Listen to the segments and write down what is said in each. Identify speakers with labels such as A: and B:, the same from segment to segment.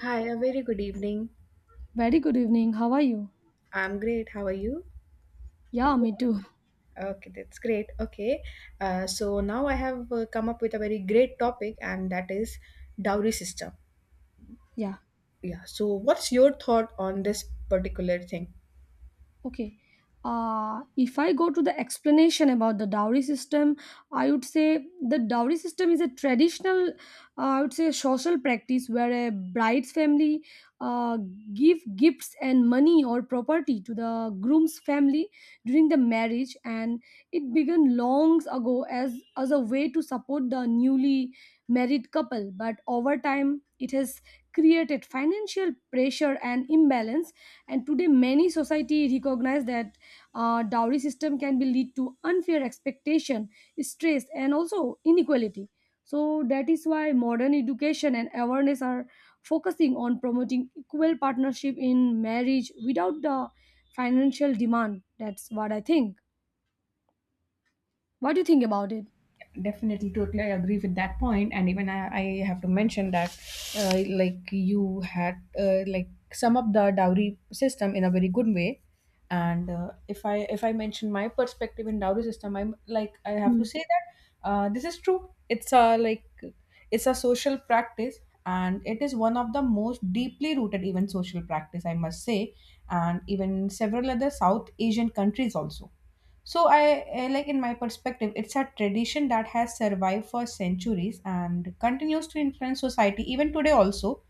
A: Hi, a very good evening.
B: Very good evening. How are you?
A: I'm great. How are you?
B: Yeah, me too.
A: Okay, that's great. Okay, so now I have come up with a very great topic, and that is dowry system.
B: Yeah.
A: Yeah. So, what's your thought on this particular thing?
B: Okay. If I go to the explanation about the dowry system, I would say the dowry system is a traditional, I would say, social practice where a bride's family uh, give gifts and money or property to the groom's family during the marriage, and it began long ago as a way to support the newly married couple. But over time, it has created financial pressure and imbalance, and today many society recognize that dowry system can be lead to unfair expectation, stress and also inequality. So that is why modern education and awareness are focusing on promoting equal partnership in marriage without the financial demand. That's what I think. What do you think about it?
A: Definitely, totally, I agree with that point, and even I have to mention that like you had like sum up the dowry system in a very good way. And if I mention my perspective in dowry system, I'm like I have to
B: Hmm.
A: say that this is true. It's a like it's a social practice, and it is one of the most deeply rooted even social practice, I must say, and even several other south Asian countries also. So I, like in my perspective, it's a tradition that has survived for centuries and continues to influence society even today also,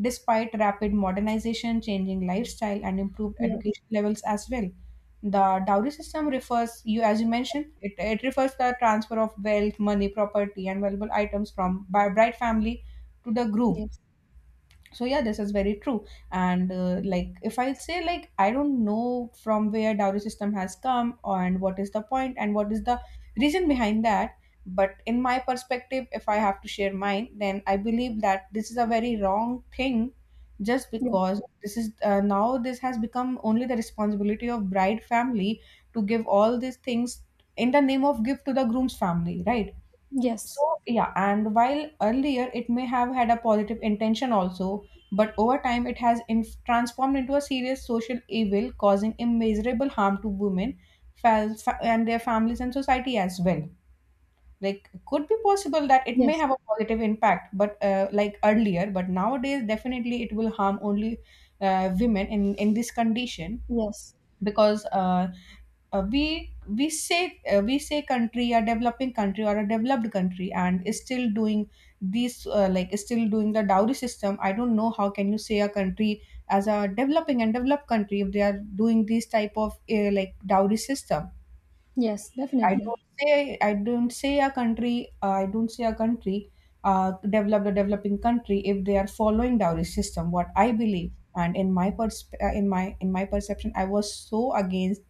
A: despite rapid modernization, changing lifestyle, and improved
B: Yes.
A: education levels as well. The dowry system refers, you as you mentioned, it refers the transfer of wealth, money, property, and valuable items from by bride family to the groom.
B: Yes.
A: So yeah, this is very true. And like if I say, like I don't know from where dowry system has come and what is the point and what is the reason behind that, but in my perspective, if I have to share mine, then I believe that this is a very wrong thing, just
B: Yeah.
A: because this is now this has become only the responsibility of bride family to give all these things in the name of gift to the groom's family, right?
B: Yes.
A: So, yeah, and while earlier it may have had a positive intention also, but over time it has transformed into a serious social evil, causing immeasurable harm to women and their families and society as well. Like, could be possible that it may
B: Yes.
A: have a positive impact, but like earlier, but nowadays definitely it will harm only women in this condition.
B: Yes.
A: Because we say we say country a developing country or a developed country and is still doing these like is still doing the dowry system. I don't know how can you say a country as a developing and developed country if they are doing these type of like dowry system.
B: Yes, definitely.
A: I don't say a country, I don't say a country, developed or developing country if they are following dowry system. What I believe and in my in my perception, I was so against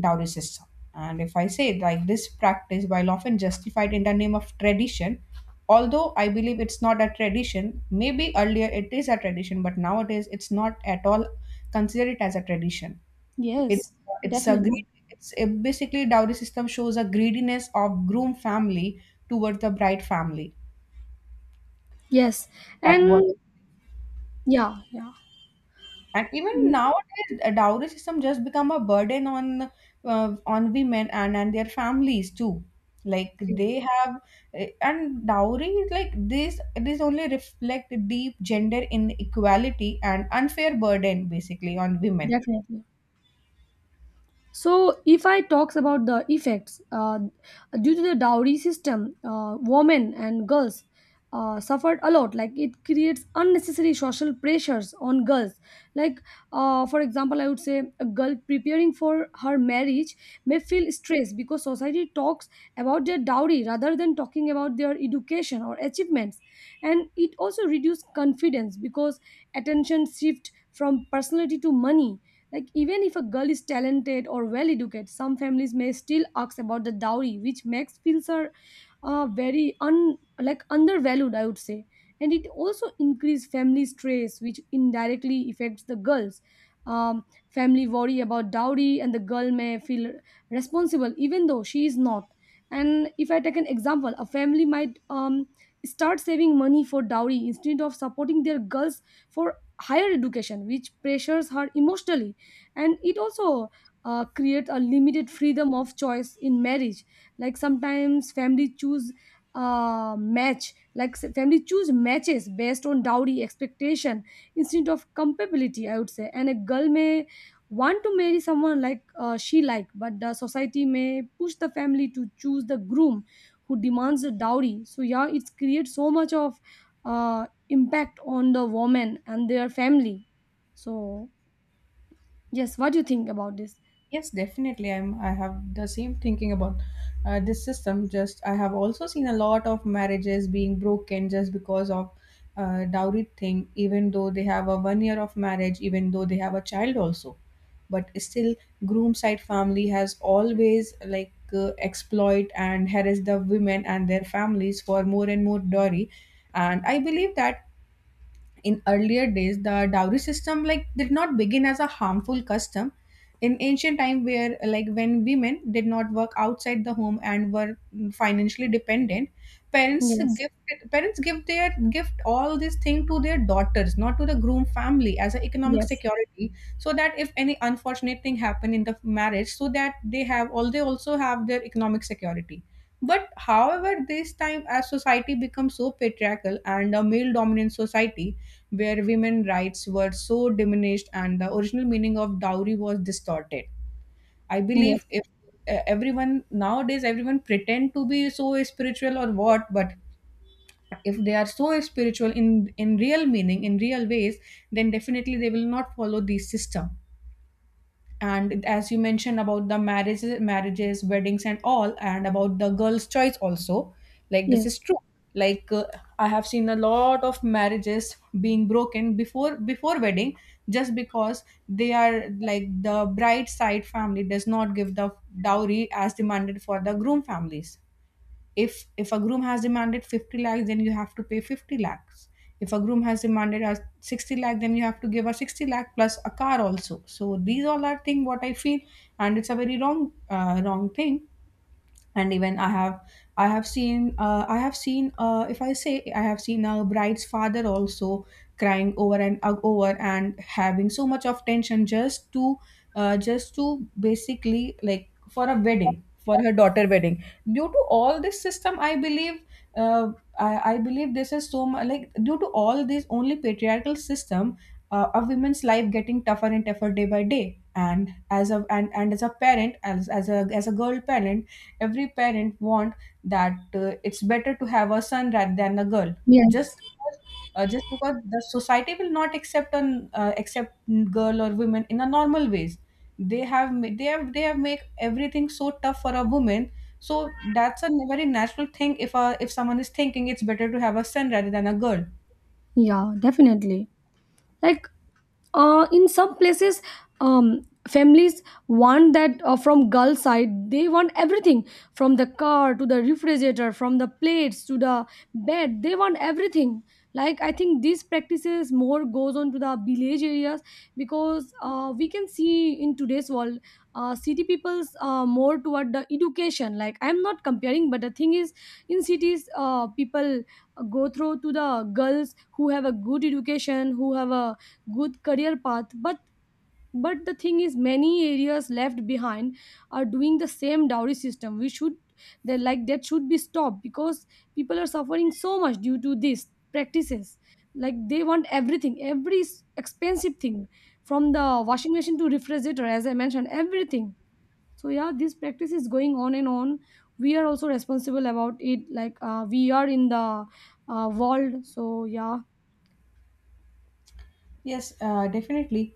A: dowry system. And if I say like this practice, while often justified in the name of tradition, although I believe it's not a tradition, maybe earlier it is a tradition, but nowadays it's not at all considered it as a tradition.
B: Yes.
A: It's it's a
B: Definitely.
A: greed. It's it basically dowry system shows a greediness of groom family towards the bride family.
B: Yes.
A: That what.
B: And yeah, yeah.
A: And even
B: Mm.
A: nowadays, a dowry system just become a burden on women and their families too. Like
B: Yes,
A: they have, eh, and dowry is like this. This only reflect deep gender inequality and unfair burden basically on women.
B: definitely. So, if I talks about the effects due to the dowry system, women and girls suffered a lot. Like it creates unnecessary social pressures on girls. Like, for example, I would say a girl preparing for her marriage may feel stressed because society talks about their dowry rather than talking about their education or achievements, and it also reduces confidence because attention shift from personality to money. Like, even if a girl is talented or well educated, some families may still ask about the dowry, which makes feels her very un like undervalued, I would say. And it also increase family stress, which indirectly affects the girls. Family worry about dowry, and the girl may feel responsible even though she is not. And if I take an example, a family might start saving money for dowry instead of supporting their girls for higher education, which pressures her emotionally. And it also creates a limited freedom of choice in marriage. Like sometimes family choose matches based on dowry expectation instead of compatibility, I would say. And a girl may want to marry someone she like, but the society may push the family to choose the groom who demands a dowry. So yeah, it creates so much of impact on the woman and their family. So yes, what do you think about this?
A: Yes, definitely. I'm. I have the same thinking about this system. Just I have also seen a lot of marriages being broken just because of dowry thing. Even though they have a 1 year of marriage, even though they have a child also, but still groom side family has always like exploit and harass the women and their families for more and more dowry. And I believe that in earlier days, the dowry system like did not begin as a harmful custom. In ancient time, where like when women did not work outside the home and were financially dependent,
B: Yes,
A: parents give their gift all this thing to their daughters, not to the groom family, as an economic
B: yes,
A: security, so that if any unfortunate thing happen in the marriage, so that they have all they also have their economic security. But however, this time as society becomes so patriarchal and a male dominant society, where women rights were so diminished and the original meaning of dowry was distorted, I
B: yes,
A: believe if everyone nowadays everyone pretend to be so spiritual or what, but if they are so spiritual in real meaning in real ways, then definitely they will not follow this system. And as you mentioned about the marriages, marriages, weddings, and all, and about the girls choice also, like this is
B: yes,
A: true. Like I have seen a lot of marriages being broken before wedding, just because they are like the bride side family does not give the dowry as demanded for the groom families. If a groom has demanded 50 lakhs, then you have to pay 50 lakhs. If a groom has demanded us 60 lakh, then you have to give her 60 lakh plus a car also. So these all are thing what I feel, and it's a very wrong wrong thing. And even I have seen I have seen, if I say I have seen a bride's father also crying over and over and having so much of tension just to basically like for a wedding for her daughter wedding due to all this system, I believe. uh, I believe this is so much like due to all this only patriarchal system. A woman's life getting tougher and tougher day by day, and and as a parent, as a girl parent, every parent want that it's better to have a son rather than a girl, just
B: yes.
A: because, just because the society will not accept an accept girl or women in a normal ways. They have they have they have make everything so tough for a woman. So that's a very natural thing if a if someone is thinking it's better to have a son rather than a girl.
B: Yeah, definitely. like in some places, families want that, from girl side they want everything, from the car to the refrigerator, from the plates to the bed, they want everything. Like I think these practices more goes on to the village areas, because we can see in today's world, city people's more toward the education. Like I'm not comparing, but the thing is in cities, people go through to the girls who have a good education, who have a good career path. But the thing is many areas left behind are doing the same dowry system. We should, they like, that should be stopped, because people are suffering so much due to these practices. Like they want everything, every expensive thing, from the washing machine to refrigerator, as I mentioned, everything. So yeah, this practice is going on and on. We are also responsible about it. We are in the world. So yeah.
A: Yes, definitely.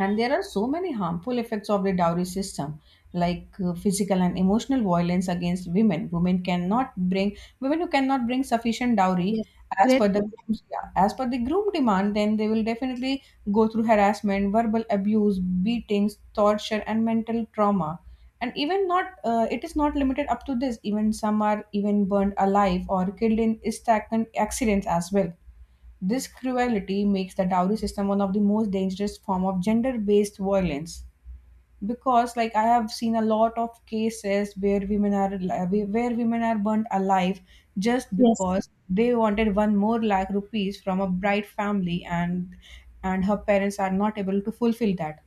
A: And there are so many harmful effects of the dowry system, like physical and emotional violence against women. Women cannot bring Women who cannot bring sufficient dowry
B: Yes.
A: as per
B: Great
A: the
B: point.
A: groom's, yeah, as per the groom demand, then they will definitely go through harassment, verbal abuse, beatings, torture, and mental trauma. And even not it is not limited up to this. Even some are even burned alive or killed in stagnant accidents as well. This cruelty makes the dowry system one of the most dangerous form of gender-based violence, because like I have seen a lot of cases where women are where women are burnt alive just
B: Yes.
A: because they wanted one more lakh rupees from a bright family, and her parents are not able to fulfill that.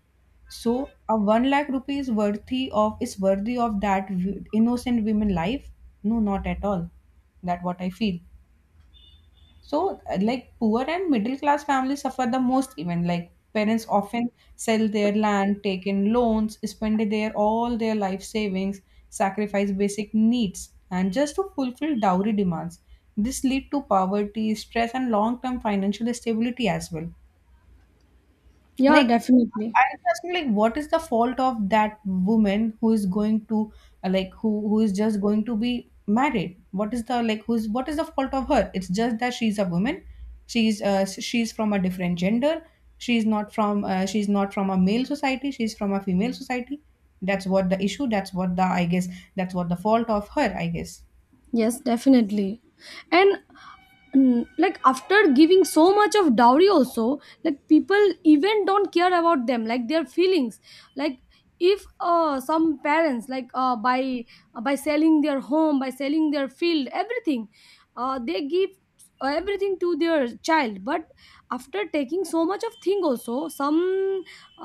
A: So a one lakh rupees worthy of is worthy of that innocent women life? No, not at all. That what I feel. So, like poor and middle class families suffer the most, even like parents often sell their land, take in loans, spend their all their life savings, sacrifice basic needs, and just to fulfill dowry demands. This lead to poverty, stress, and long-term financial stability as well.
B: Yeah,
A: Like,
B: definitely.
A: I'm asking, like, what is the fault of that woman who is going to, like, who is just going to be married? What is the like, who's what is the fault of her? It's just that she's a woman. She's from a different gender. She's not from a male society. She's from a female society. That's what the issue. That's what the I guess. That's what the fault of her. I guess.
B: Yes, definitely. And like after giving so much of dowry also, like people even don't care about them, like their feelings. Like if some parents by by selling their home, by selling their field, everything, they give everything to their child. But after taking so much of thing also, some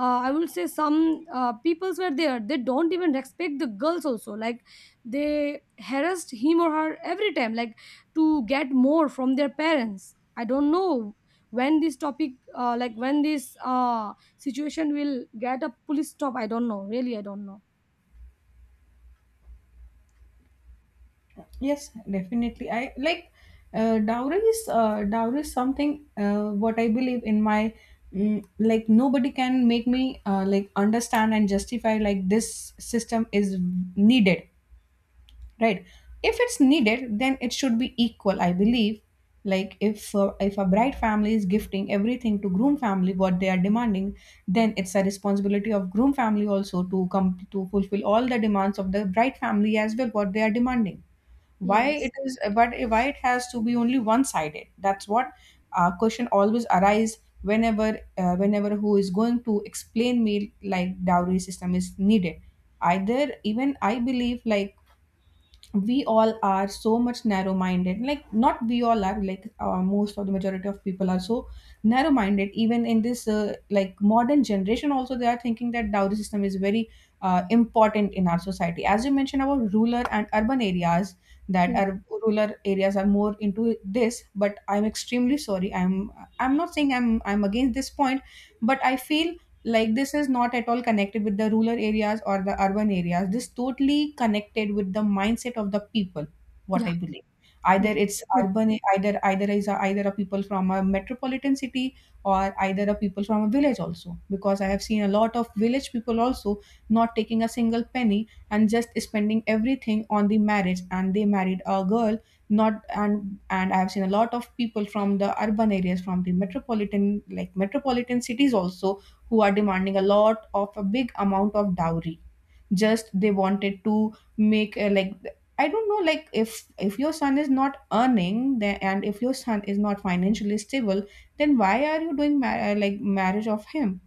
B: I will say some peoples were there, they don't even respect the girls also, like they harassed him or her every time, like to get more from their parents. I don't know when this situation will get a police stop. I don't know, really, I don't know.
A: Yes, definitely. I like dowry is something what I believe in my like nobody can make me like understand and justify like this system is needed, right? If it's needed, then it should be equal, I believe. Like, if a bride family is gifting everything to groom family what they are demanding, then it's a responsibility of groom family also to come to fulfill all the demands of the bride family as well what they are demanding. why
B: Yes.
A: it is but why it has to be only one sided? That's what question always arise whenever whenever who is going to explain me like dowry system is needed. Either even I believe like we all are so much narrow minded like not we all are like most of the majority of people are so narrow minded even in this like modern generation also. They are thinking that dowry system is very important in our society. As you mentioned about rural and urban areas, that
B: Yes.
A: are rural areas are more into this, but I'm extremely sorry. I'm not saying I'm against this point, but I feel like this is not at all connected with the rural areas or the urban areas. This totally connected with the mindset of the people, what
B: Yeah.
A: I believe. Either
B: Yes.
A: it's
B: True.
A: urban, either either a people from a metropolitan city or either a people from a village also, because I have seen a lot of village people also not taking a single penny and just spending everything on the marriage and they married a girl. Not and and I have seen a lot of people from the urban areas, from the metropolitan like metropolitan cities also, who are demanding a lot of a big amount of dowry. Just they wanted to make like, I don't know, like if your son is not earning and if your son is not financially stable, then why are you doing like marriage of him?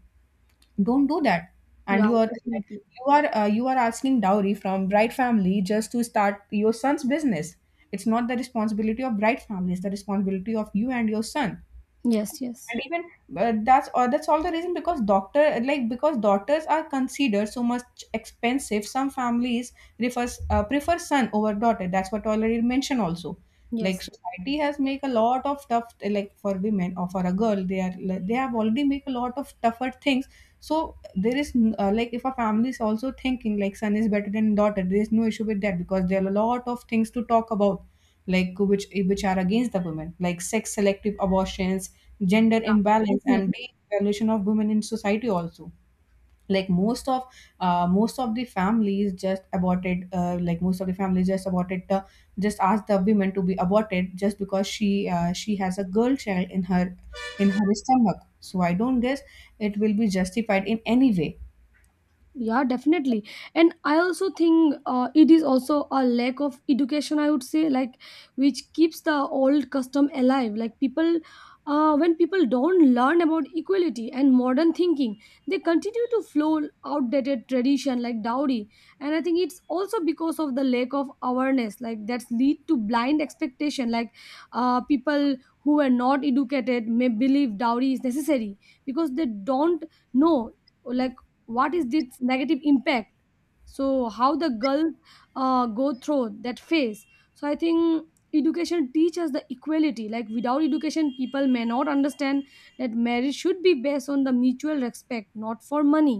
A: Don't do that. And
B: Yeah.
A: you are like,
B: Definitely.
A: you are asking dowry from bride family just to start your son's business. It's not the responsibility of bride family, it's the responsibility of you and your son.
B: Yes. Yes.
A: And even but that's, or that's all the reason, because doctor, like because daughters are considered so much expensive, some families refers prefer son over daughter. That's what already mentioned also. Like
B: Yes.
A: society has make a lot of tough, like for women or for a girl, they are they have already make a lot of tougher things. So there is like if a family is also thinking like son is better than daughter, there is no issue with that, because there are a lot of things to talk about, like which are against the women, like sex selective abortions, gender
B: Yeah.
A: imbalance, and
B: Definitely.
A: the evaluation of women in society also. Like most of the families just aborted, like most of the families just aborted the just asked the women to be aborted just because she has a girl child in her stomach. So I don't guess it will be justified in any way.
B: Yeah, definitely. And I also think it is also a lack of education, I would say, like, which keeps the old custom alive. When people don't learn about equality and modern thinking, they continue to flow outdated tradition like dowry. And I think it's also because of the lack of awareness, like that's lead to blind expectation. People who are not educated may believe dowry is necessary because they don't know, like, what is this negative impact, so how the girls go through that phase. So I think education teaches the equality. Like without education people may not understand that marriage should be based on the mutual respect, not for money.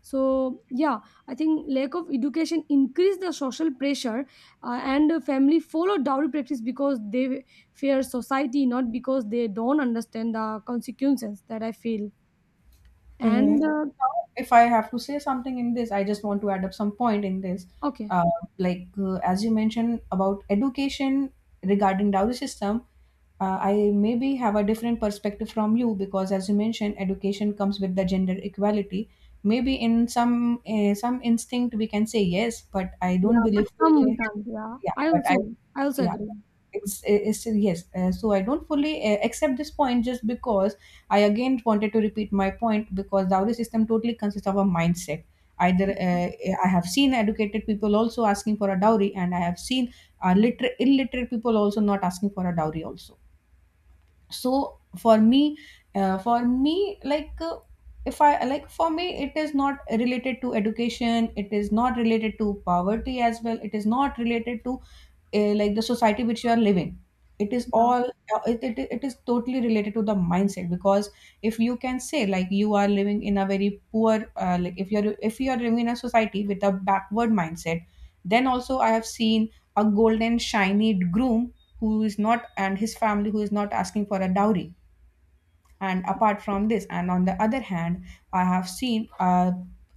B: So yeah, I think lack of education increase the social pressure, and the family follow dowry practice because they fear society, not because they don't understand the consequences. That I feel.
A: Hmm.
B: And
A: Now, if I have to say something in this, I just want to add up some point in this.
B: okay.
A: Uh, like as you mentioned about education regarding dowry system, I maybe have a different perspective from you because, as you mentioned, education comes with the gender equality. Maybe in some instinct we can say yes, but I don't
B: Yeah, but
A: believe.
B: some we can't. Yeah,
A: Yeah,
B: I
A: but I,
B: also, I also
A: yeah.
B: agree.
A: It's yes. So I don't fully accept this point just because I again wanted to repeat my point, because dowry system totally consists of a mindset. Either I have seen educated people also asking for a dowry, and I have seen illiterate people also not asking for a dowry also. So for me like, if I like for me it is not related to education, it is not related to poverty as well, it is not related to like the society which you are living. It is
B: Yeah,
A: all it is totally related to the mindset, because if you can say like you are living in a very poor like if you're if you are living in a society with a backward mindset, then also I have seen a golden shiny groom who is not, and his family who is not asking for a dowry. And apart from this, and on the other hand, I have seen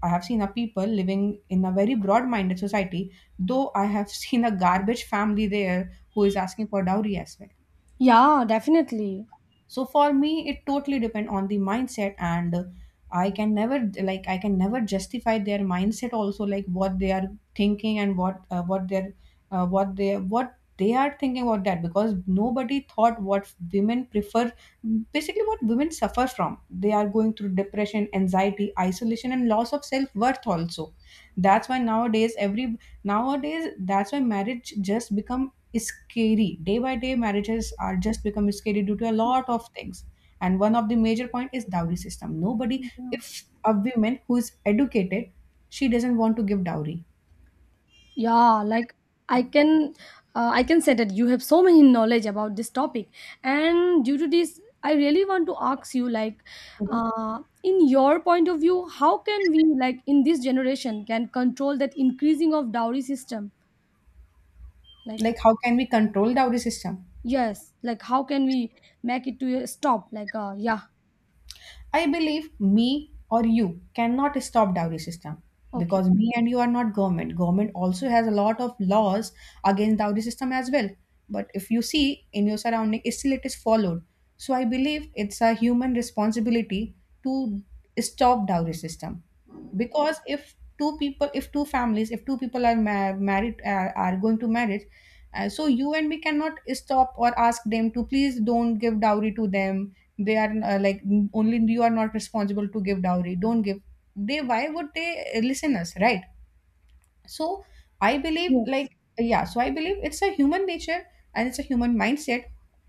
A: I have seen a people living in a very broad minded society, though I have seen a garbage family there who is asking for dowry as well.
B: yeah, definitely.
A: So for me it totally depend on the mindset. And I can never, like I can never justify their mindset also, like what they are thinking and what they're what they are thinking about that, because nobody thought what women prefer. Basically what women suffer from, they are going through depression, anxiety, isolation, and loss of self worth also. That's why nowadays every Nowadays, that's why marriage just become scary. Day by day, marriages are just become scary due to a lot of things. And one of the major point is dowry system. Nobody,
B: Yeah,
A: if a woman who is educated, she doesn't want to give dowry.
B: yeah. Like I can, I can say that you have so many knowledge about this topic, and due to this, I really want to ask you, like,
A: Mhm.
B: in your point of view, how can we, like, in this generation, can control that increasing of dowry system? Like,
A: Like, how can we control dowry system?
B: yes, like how can we make it to a stop? Like, yeah,
A: I believe me or you cannot stop dowry system,
B: okay,
A: because me and you are not government. Government also has a lot of laws against dowry system as well. But if you see in your surrounding, it still it is followed. So I believe it's a human responsibility to stop dowry system, because if two people, if two families, if two people are married, are going to marriage, so you and me cannot stop or ask them to please don't give dowry to them. They are like, "Mm, only you are not responsible to give dowry. Don't give. They why would they listen us, right?" So I believe
B: yes,
A: like, yeah. So I believe it's a human nature, and it's a human mindset,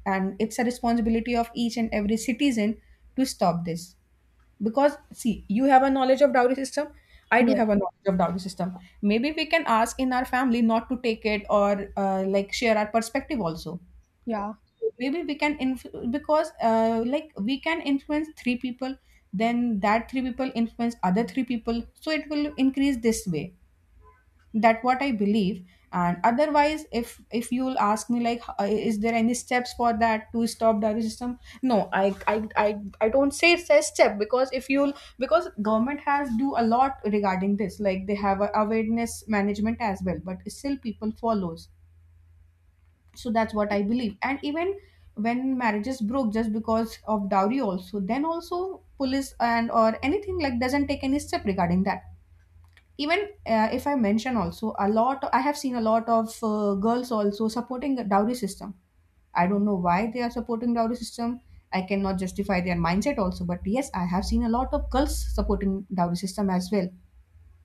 A: and it's a responsibility of each and every citizen to stop this, because see, you have a knowledge of dowry system, I do
B: yes,
A: have a knowledge of dowry system. Maybe we can ask in our family not to take it, or like share our perspective also.
B: yeah.
A: Maybe we can because like we can influence three people, then that three people influence other three people, so it will increase this way. That what I believe. And otherwise, if you'll ask me like is there any steps for that to stop dairy system? No, I don't say it's a step, because if you'll, because government has do a lot regarding this, like they have a awareness management as well, but still people follows. So that's what I believe. And even when marriages broke just because of dowry also, then also police and or anything like doesn't take any step regarding that. Even if I mention also a lot, I have seen a lot of girls also supporting the dowry system. I don't know why they are supporting dowry system. I cannot justify their mindset also, but yes, I have seen a lot of girls supporting dowry system as well.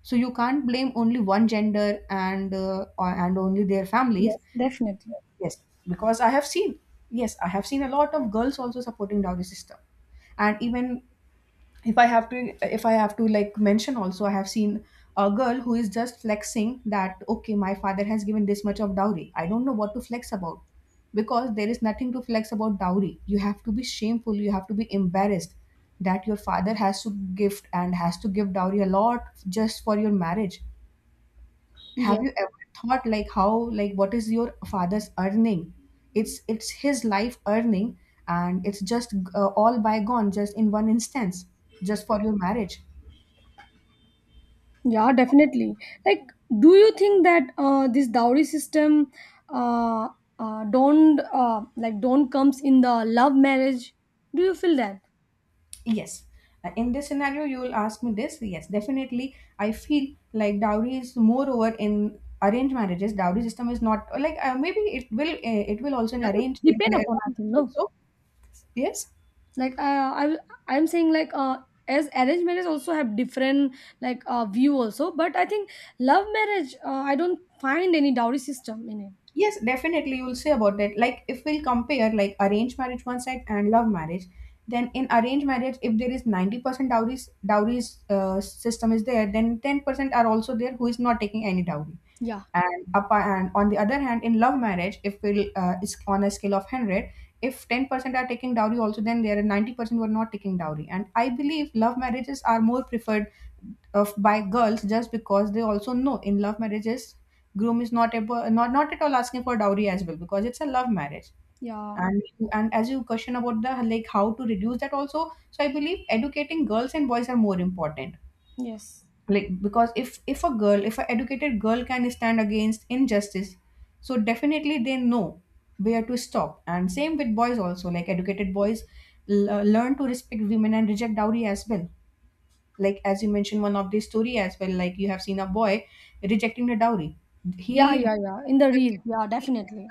A: So you can't blame only one gender and and only their families.
B: Yes, definitely.
A: Yes, because I have seen, yes, I have seen a lot of girls also supporting dowry system. And even if I have to, if I have to like mention also, I have seen a girl who is just flexing that, okay, my father has given this much of dowry. I don't know what to flex about, because there is nothing to flex about dowry. You have to be shameful, you have to be embarrassed that your father has to gift and has to give dowry a lot just for your marriage. Have
B: Yes.
A: you ever thought like how, like what is your father's earning? It's his life earning, and it's just all bygone just in one instance, just for your marriage.
B: Yeah, definitely. Like, do you think that this dowry system uh, don't, like, don't comes in the love marriage? Do you feel that?
A: Yes. In this scenario you will ask me this, yes, definitely, I feel like dowry is moreover in arranged marriages. Dowry system is not like, maybe it will also in
B: Yeah, it
A: arranged, like,
B: depend
A: there
B: upon, I think, no.
A: also, yes.
B: Like I'm saying like, as arranged marriage also have different, like, view also, but I think love marriage, I don't find any dowry system in it.
A: Yes, definitely. You'll say about it. Like, if we'll compare like arranged marriage one side and love marriage, then in arranged marriage, if there is 90% dowries dowries system is there, then 10% are also there who is not taking any dowry
B: Yeah,
A: and up and on the other hand in love marriage if we'll is on a scale of 100. If 10% are taking dowry also, then there are 90% who are not taking dowry. And I believe love marriages are more preferred of by girls just because they also know in love marriages groom is not able, not at all asking for dowry as well, because it's a love marriage.
B: yeah,
A: And as you question about the like how to reduce that also, so I believe educating girls and boys are more important.
B: yes,
A: Like, because if a girl, if an educated girl can stand against injustice, so definitely they know where to stop. And same with boys also, like educated boys learn to respect women and reject dowry as well. Like, as you mentioned one of the story as well, like you have seen a boy rejecting the dowry.
B: yeah,
A: he
B: yeah, yeah. In the real, yeah, definitely.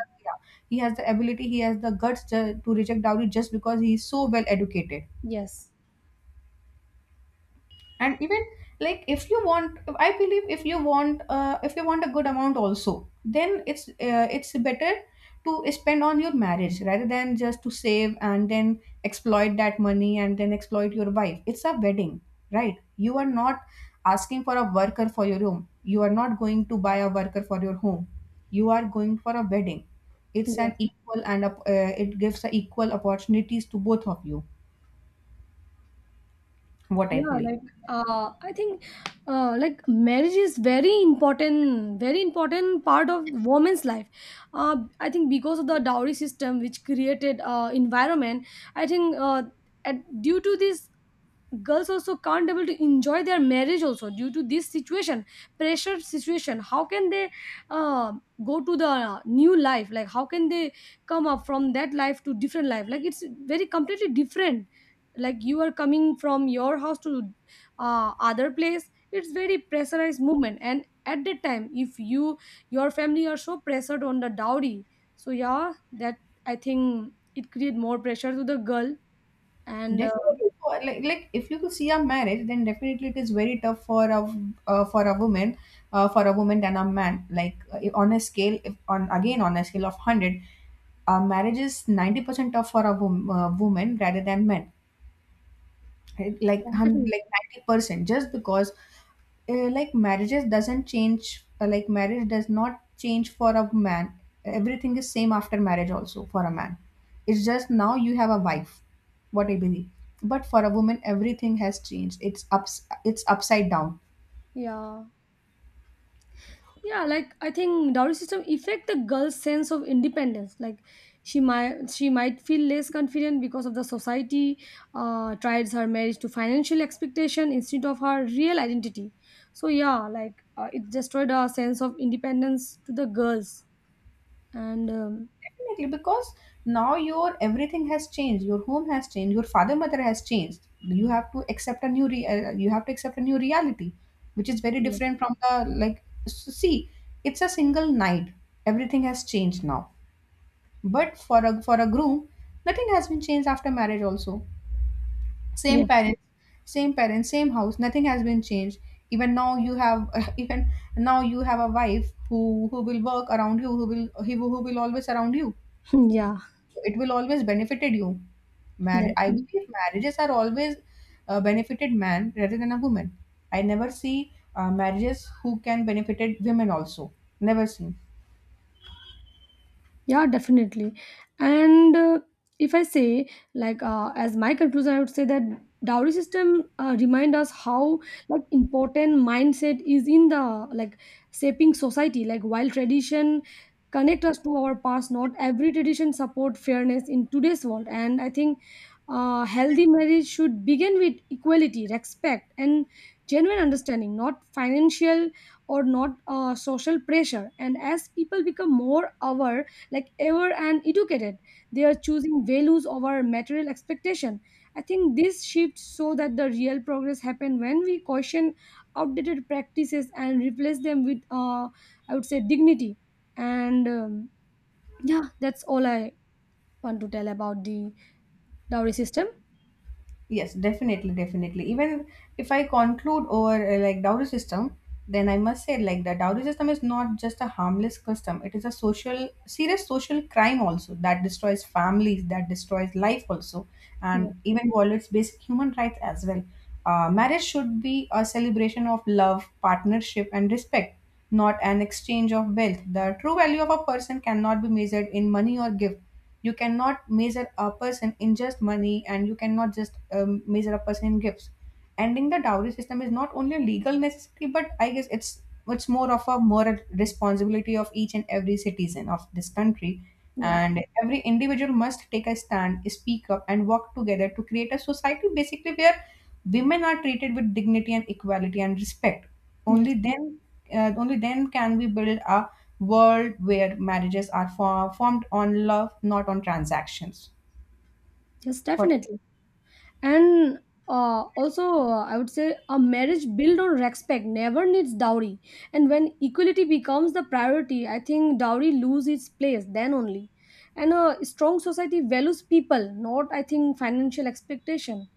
A: he has the ability, he has the guts to reject dowry just because he is so well educated.
B: Yes.
A: And even like if you want, I believe if you want a good amount also, then it's better to spend on your marriage rather than just to save and then exploit that money and then exploit your wife. It's a wedding, right? You are not asking for a worker for your home, you are not going to buy a worker for your home. You are going for a wedding. It's an
B: Yes.
A: equal and it gives a equal opportunities to both of you, what I
B: Yeah,
A: believe.
B: like, I think, like, marriage is very important, very important part of woman's life. I think because of the dowry system which created environment, I think, at, due to this, girls also can't able to enjoy their marriage also due to this situation, pressure situation. How can they uh, go to the new life, like how can they come up from that life to different life? Like it's very completely different. Like you are coming from your house to other place. It's very pressurized movement. And at that time, if your family are so pressured on the dowry, so yeah, that, I think, it create more pressure to the girl. And
A: Definitely, like if you could see a marriage, then definitely it is very tough uh, for a woman, for a woman than a man. Like on a scale, if on again on a scale of hundred, marriage is 90% tough for a woman rather than men. Right? Like
B: yeah, definitely.
A: like 90%, just because like marriage does not change for a man. Everything is same after marriage also for a man. It's just now you have a wife, what I believe. But for a woman, everything has changed. It's ups it's upside down.
B: Yeah. Yeah, like I think dowry system affect the girl's sense of independence. Like she might feel less confident because of the society tries her marriage to financial expectation instead of her real identity. So yeah, like, it destroyed her sense of independence to the girls. And
A: Definitely, because now your everything has changed, your home has changed, your father mother has changed. You have to accept a you have to accept a new reality which is very
B: yeah.
A: different from the, like see, it's a single night, everything has changed now. But for a groom, nothing has been changed after marriage also. Same
B: Yeah,
A: parents, same house, nothing has been changed. Even now you have even now you have a wife who will work around you, who will always around you.
B: yeah.
A: It will always benefited you. I
B: That-
A: believe marriages are always benefited man rather than a woman. I never see marriages who can benefited women also. Never seen.
B: Yeah, definitely. And if I say, like, as my conclusion, I would say that dowry system remind us how, like, important mindset is in the, like, shaping society. Like while tradition connect us to our past, not every tradition support fairness in today's world. And I think healthy marriage should begin with equality, respect, and genuine understanding, not financial, or not social pressure. And as people become more aware, like, ever, and educated, they are choosing values over material expectation. I think this shift, so that the real progress happen when we caution outdated practices and replace them with, I would say, dignity. And yeah, that's all I want to tell about the dowry system.
A: Yes, definitely, definitely. Even if I conclude over like dowry system, then I must say like the dowry system is not just a harmless custom. It is a social, serious social crime also that destroys families, that destroys life also,
B: Yeah.
A: and even violates basic human rights as well. Marriage should be a celebration of love, partnership, and respect, not an exchange of wealth. The true value of a person cannot be measured in money or gift. You cannot measure a person in just money, and you cannot just measure a person in gifts. Ending the dowry system is not only a legal necessity, but I guess it's more of a moral responsibility of each and every citizen of this country.
B: Yes.
A: And every individual must take a stand, speak up, and work together to create a society basically where women are treated with dignity and equality and respect. Only
B: Yes.
A: then, only then can we build a world where marriages are formed on love, not on transactions.
B: Yes,
A: What?
B: definitely. And also, I would say a marriage built on respect never needs dowry, and when equality becomes the priority, I think dowry loses its place, then only. And a strong society values people, not, I think, financial expectation.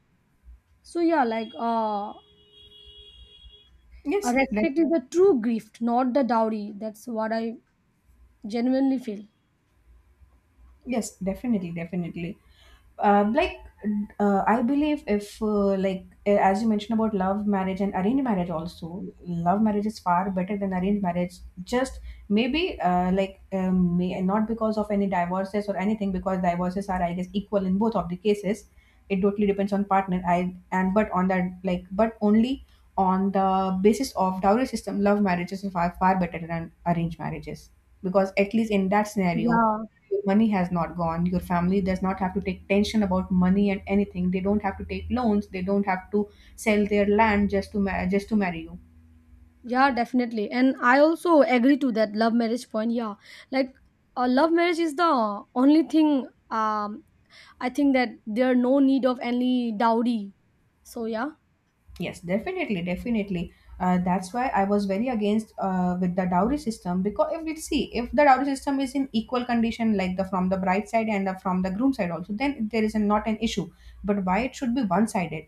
B: So yeah, like, a
A: Yes, def-
B: respect is the true gift, not the dowry. That's what I genuinely feel.
A: yes, definitely, definitely. Like I believe if like as you mentioned about love marriage and arranged marriage also, love marriage is far better than arranged marriage. Just maybe like not because of any divorces or anything, because divorces are I guess equal in both of the cases. It totally depends on partner I and but on that, like, but only on the basis of dowry system, love marriages are far, far better than arranged marriages, because at least in that scenario
B: Yeah.
A: your money has not gone. Your family does not have to take tension about money and anything. They don't have to take loans. They don't have to sell their land just to just to marry you.
B: Yeah, definitely. And I also agree to that love marriage point. Yeah. Like a love marriage is the only thing, I think, that there are no need of any dowry. So yeah,
A: Yes, definitely, definitely. That's why I was very against with the dowry system, because if we see, if the dowry system is in equal condition like the from the bride side and from the groom side also, then there is not an issue. But why it should be one sided?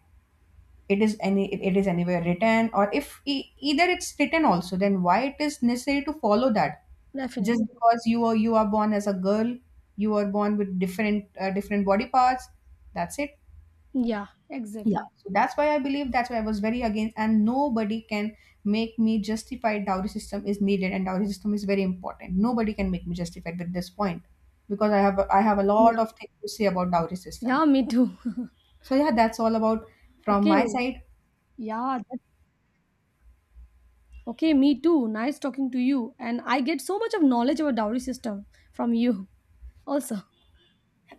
A: It is any it is anywhere written? Or if either it's written also, then why it is necessary to follow that?
B: definitely.
A: Just because you are born as a girl, you are born with different different body parts, that's it.
B: Yeah,
A: Yeah.
B: exactly.
A: So that's why I believe, that's why I was very against, and nobody can make me justify dowry system is needed and dowry system is very important. Nobody can make me justify with this point, because I have a
B: Yeah.
A: lot of things to say about dowry system.
B: Yeah, me too.
A: So yeah, that's all about from
B: Okay.
A: my side.
B: Yeah, that, okay, me too. Nice talking to you. And I get so much of knowledge about dowry system from you also.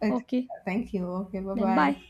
A: Uh,
B: Okay.
A: Thank you. Okay. Bye
B: Then bye.
A: bye.